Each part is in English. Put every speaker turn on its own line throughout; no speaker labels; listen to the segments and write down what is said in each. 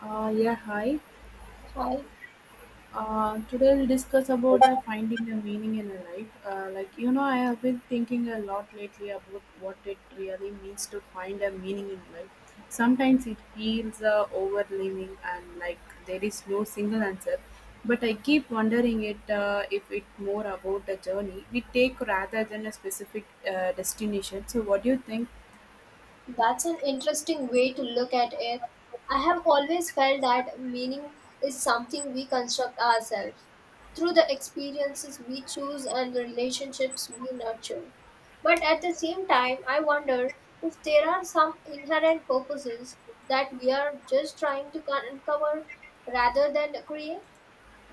Yeah, hi.
Hi,
Today we'll discuss about finding a meaning in a life. I have been thinking a lot lately about what it really means to find a meaning in life. Sometimes it feels overwhelming and like there is no single answer. But I keep wondering it if it's more about the journey we take rather than a specific destination. So, what do you think?
that's an interesting way to look at it. I have always felt that meaning is something we construct ourselves through the experiences we choose and the relationships we nurture. But at the same time, I wonder if there are some inherent purposes that we are just trying to uncover rather than create.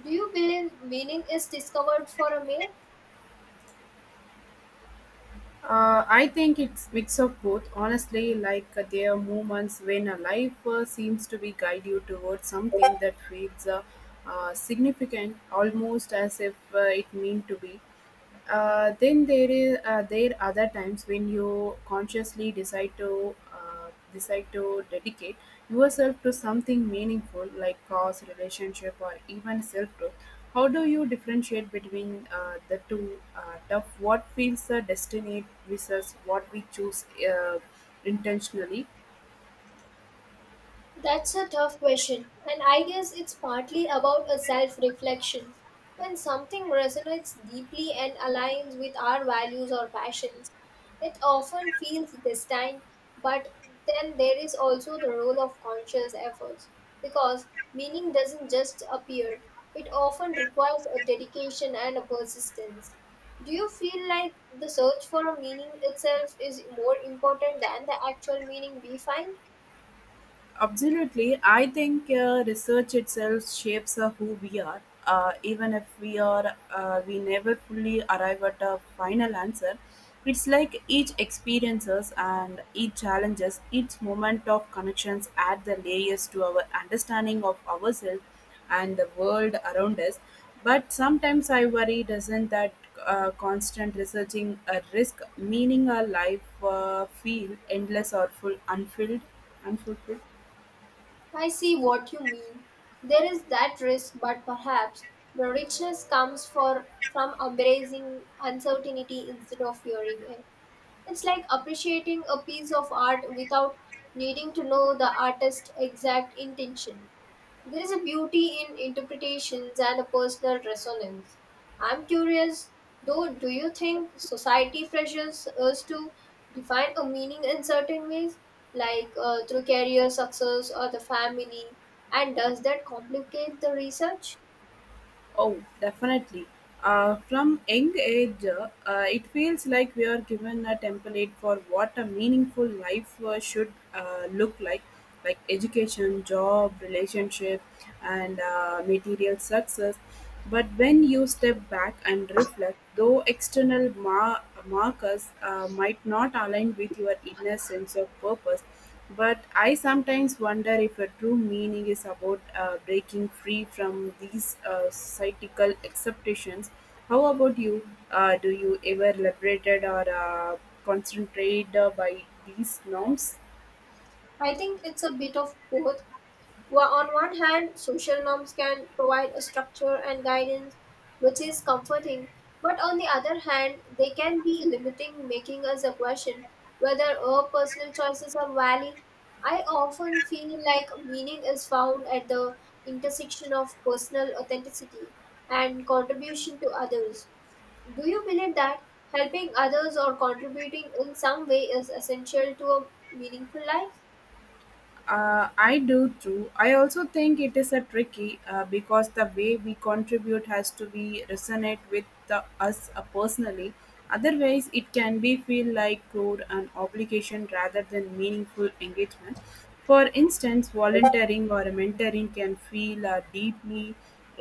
Do you believe meaning is discovered for a maid?
I think it's mix of both. Honestly, like there are moments when a life seems to be guide you towards something that feels significant, almost as if it meant to be. Then there is there are other times when you consciously decide to dedicate yourself to something meaningful like cause, relationship, or even self growth. How do you differentiate between the two? Of what feels destined versus what we choose intentionally?
That's a tough question, and I guess it's partly about a self reflection. When something resonates deeply and aligns with our values or passions, it often feels destined, but then there is also the role of conscious efforts because meaning doesn't just appear, it often requires a dedication and a persistence. Do you feel like the search for a meaning itself is more important than the actual meaning we find?
Absolutely. I think research itself shapes who we are. We never fully arrive at a final answer. It's like each experiences and each challenges, each moment of connections add the layers to our understanding of ourselves and the world around us. But sometimes I worry, doesn't that constant researching a risk, meaning our life feel endless or unfulfilled?
I see what you mean. There is that risk, but perhaps the richness comes for, from embracing uncertainty instead of fearing it. It's like appreciating a piece of art without needing to know the artist's exact intention. There is a beauty in interpretations and a personal resonance. I'm curious, though, do you think society pressures us to define a meaning in certain ways, like through career success or the family? And does that complicate the research?
Oh, definitely. From young age, it feels like we are given a template for what a meaningful life should look like education, job, relationship, and material success. But when you step back and reflect, though external markers might not align with your inner sense of purpose, but I sometimes wonder if a true meaning is about breaking free from these societal acceptations. How about you? Do you ever liberated or concentrate by these norms?
I think it's a bit of both. Well, on one hand, social norms can provide a structure and guidance, which is comforting. But on the other hand, they can be limiting, making us a question whether our personal choices are valid. I often feel like meaning is found at the intersection of personal authenticity and contribution to others. Do you believe that helping others or contributing in some way is essential to a meaningful life?
I do too. I also think it is a tricky because the way we contribute has to be resonate with the, us personally. Otherwise, it can be feel like crude and obligation rather than meaningful engagement. For instance, volunteering or mentoring can feel deeply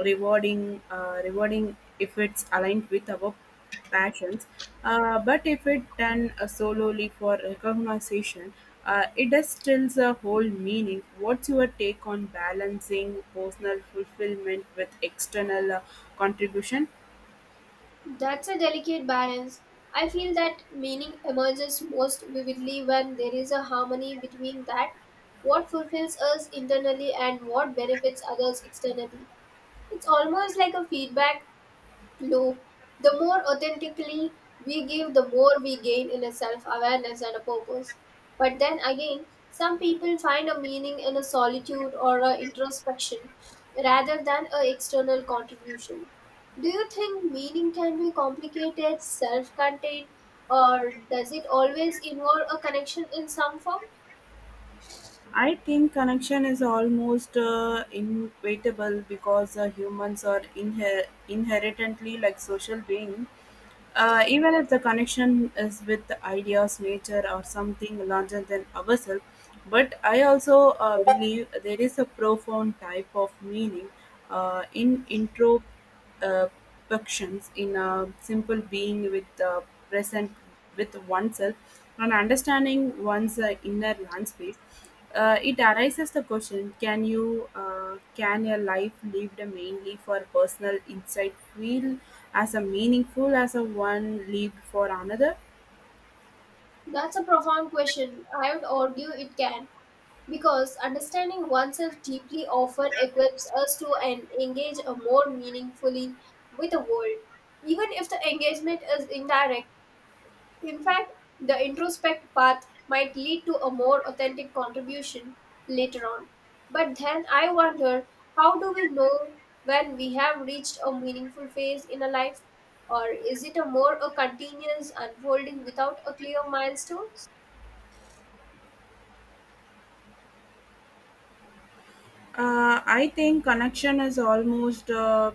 rewarding if it's aligned with our passions. But if it done solely for recognition, it does still a whole meaning. What's your take on balancing personal fulfillment with external contribution?
That's a delicate balance. I feel that meaning emerges most vividly when there is a harmony between that, what fulfills us internally, and what benefits others externally. It's almost like a feedback loop, the more authentically we give, the more we gain in a self awareness and a purpose. But then again, some people find a meaning in a solitude or a introspection rather than a external contribution. Do you think meaning can be complicated, self contained, or does it always involve a connection in some form?
I think connection is almost inevitable because humans are inherently like social beings. Even if the connection is with the ideas, nature, or something larger than ourselves, but I also believe there is a profound type of meaning in intro perceptions in a simple being with the present with oneself and understanding one's inner landscape. It arises the question, can you can a life lived mainly for personal insight feel as a meaningful as a one lived for another?
That's a profound question. I would argue it can. Because understanding oneself deeply often equips us to and engage a more meaningfully with the world, even if the engagement is indirect. In fact, the introspect path might lead to a more authentic contribution later on. But then I wonder how do we know when we have reached a meaningful phase in a life? Or is it a more a continuous unfolding without a clear milestone?
I think connection is almost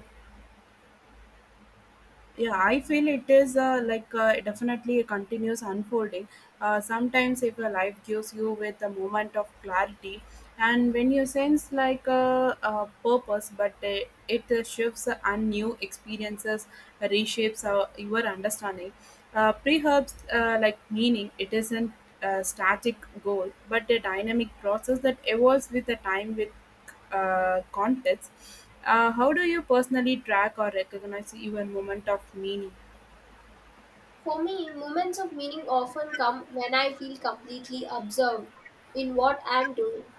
Yeah, I feel it is definitely a continuous unfolding. Sometimes if your life gives you with a moment of clarity and when you sense like a purpose, but it shifts and new experiences reshapes your understanding. Perhaps like meaning, it isn't a static goal, but a dynamic process that evolves with the time with context. How do you personally track or recognize your moment of meaning?
For me, moments of meaning often come when I feel completely absorbed in what I am doing.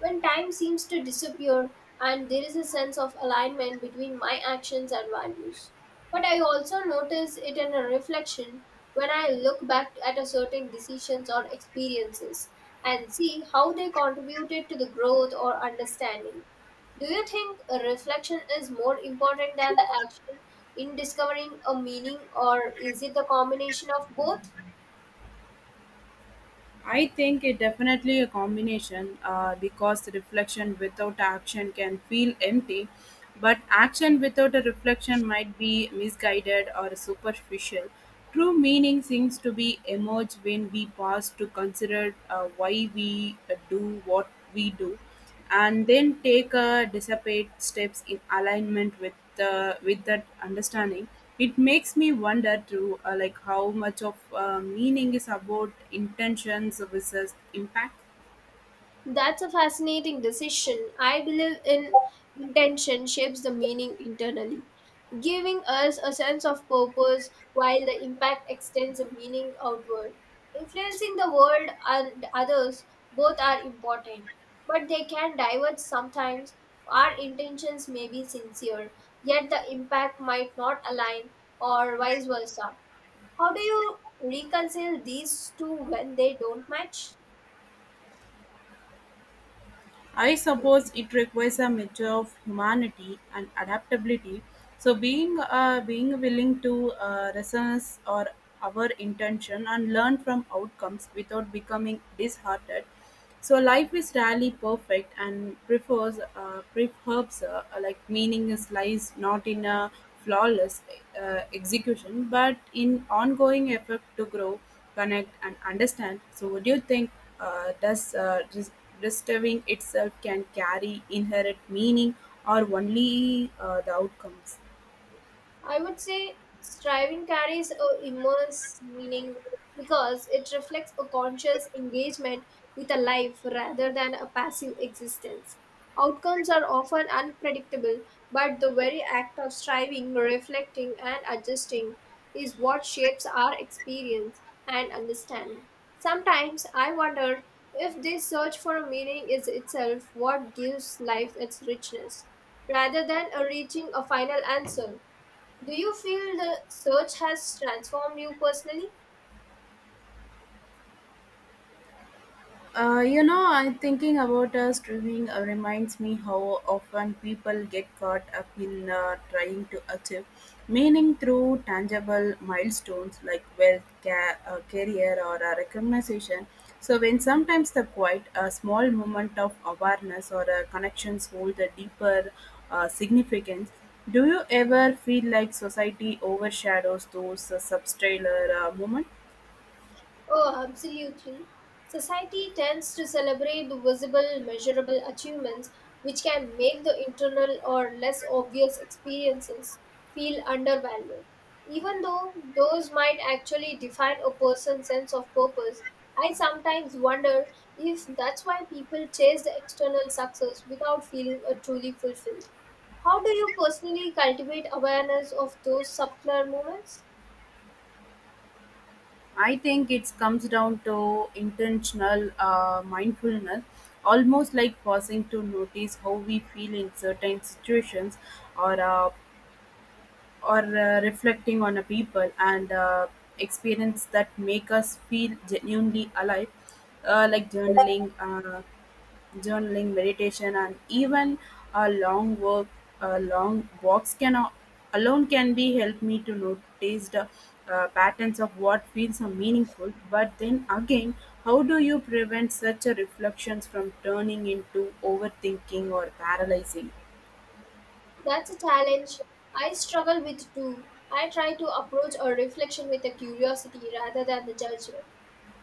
When time seems to disappear and there is a sense of alignment between my actions and values. But I also notice it in a reflection when I look back at a certain decisions or experiences and see how they contributed to the growth or understanding. Do you think a reflection is more important than the action in discovering a meaning, or is it the combination of both?
I think it definitely a combination because the reflection without action can feel empty, but action without a reflection might be misguided or superficial. True meaning seems to be emerge when we pause to consider why we do what we do and then take a dissipate steps in alignment with the with that understanding. It makes me wonder too, like how much of meaning is about intentions versus impact.
That's a fascinating decision. I believe in intention shapes the meaning internally. Giving us a sense of purpose while the impact extends a meaning outward. Influencing the world and others both are important, but they can diverge sometimes. Our intentions may be sincere, yet the impact might not align, or vice versa. How do you reconcile these two when they don't match?
I suppose it requires a measure of humanity and adaptability. So being willing to resonance or our intention and learn from outcomes without becoming disheartened. So life is rarely perfect and prefers like meaning is lies not in a flawless execution but in ongoing effort to grow, connect and understand. So what do you think? Does disturbing itself can carry inherent meaning or only the outcomes?
I would say striving carries a immense meaning because it reflects a conscious engagement with a life rather than a passive existence. Outcomes are often unpredictable, but the very act of striving, reflecting, and adjusting is what shapes our experience and understanding. Sometimes I wonder if this search for a meaning is itself what gives life its richness rather than a reaching a final answer. Do you feel the search has transformed you personally?
I'm thinking about streaming reminds me how often people get caught up in trying to achieve meaning through tangible milestones like wealth, career, or recognition. So, when sometimes the quiet, a small moment of awareness or connections hold a deeper significance. Do you ever feel like society overshadows those subtrailer moments?
Oh, absolutely. Society tends to celebrate the visible, measurable achievements, which can make the internal or less obvious experiences feel undervalued. Even though those might actually define a person's sense of purpose, I sometimes wonder if that's why people chase the external success without feeling a truly fulfilled. How do you personally cultivate awareness of those subtler moments?
I think it comes down to intentional mindfulness, almost like pausing to notice how we feel in certain situations, or uh, or reflecting on a people and experience that make us feel genuinely alive, like journaling, meditation, and even a long walks can alone can be help me to notice the patterns of what feels so meaningful. But then again, how do you prevent such a reflections from turning into overthinking or paralyzing?
That's a challenge I struggle with too. I try to approach a reflection with a curiosity rather than the judgment,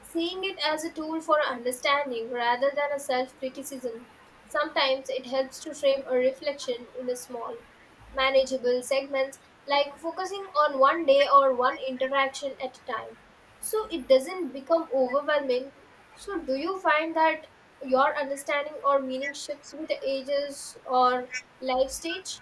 seeing it as a tool for understanding rather than a self criticism. Sometimes it helps to frame a reflection in a small, manageable segments, like focusing on one day or one interaction at a time, so it doesn't become overwhelming. So, do you find that your understanding or meaning shifts with the ages or life stage?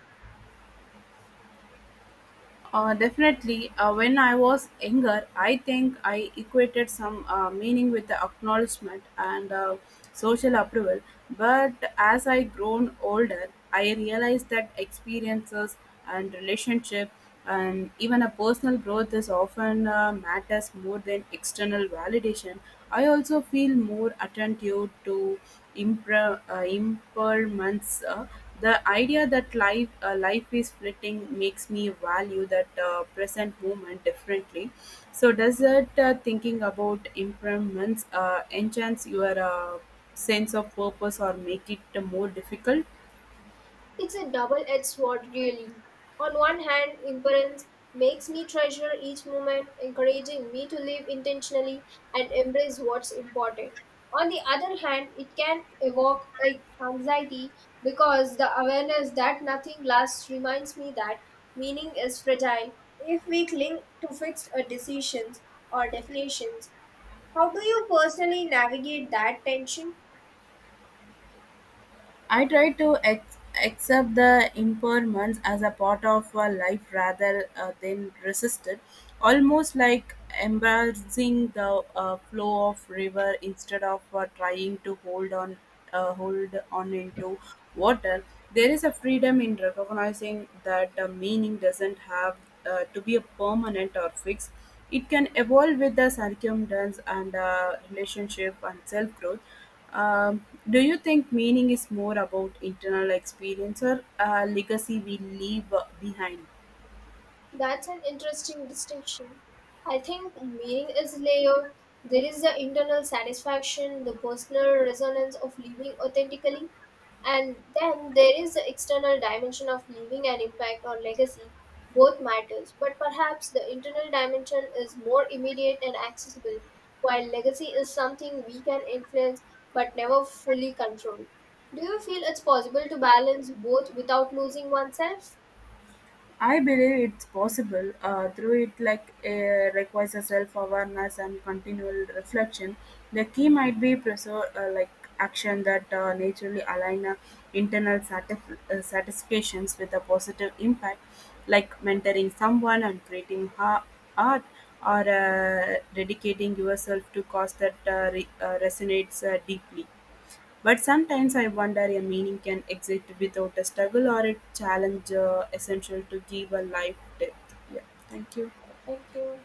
Definitely. When I was younger, I think I equated some meaning with the acknowledgement and social approval. But as I grown older, I realized that experiences and relationship and even a personal growth is often matters more than external validation. I also feel more attentive to impairments. The idea that life is fleeting makes me value that present moment differently. So, does it thinking about impairments enhance your sense of purpose or make it more difficult?
It's a double edged sword, really. On one hand, impermanence makes me treasure each moment, encouraging me to live intentionally and embrace what's important. On the other hand, it can evoke anxiety because the awareness that nothing lasts reminds me that meaning is fragile if we cling to fixed decisions or definitions. How do you personally navigate that tension?
I try to accept the impermanence as a part of a life rather than resist it, almost like embracing the flow of river instead of trying to hold on into water. There is a freedom in recognizing that the meaning doesn't have to be a permanent or fixed. It can evolve with the circumstance and relationship and self growth. Do you think meaning is more about internal experience or a legacy we leave behind?
That's an interesting distinction. I think meaning is layered. There is the internal satisfaction, the personal resonance of living authentically, and then there is the external dimension of leaving an impact or legacy. Both matters, but perhaps the internal dimension is more immediate and accessible, while legacy is something we can influence but never fully control. Do you feel it's possible to balance both without losing oneself?
I believe it's possible. Through it, like requires a self-awareness and continual reflection. The key might be like action that naturally align internal satisfactions with a positive impact, like mentoring someone and creating art, or dedicating yourself to cause that resonates deeply. But sometimes I wonder a meaning can exist without a struggle or a challenge essential to give a life depth. Yeah, thank you.
Thank you.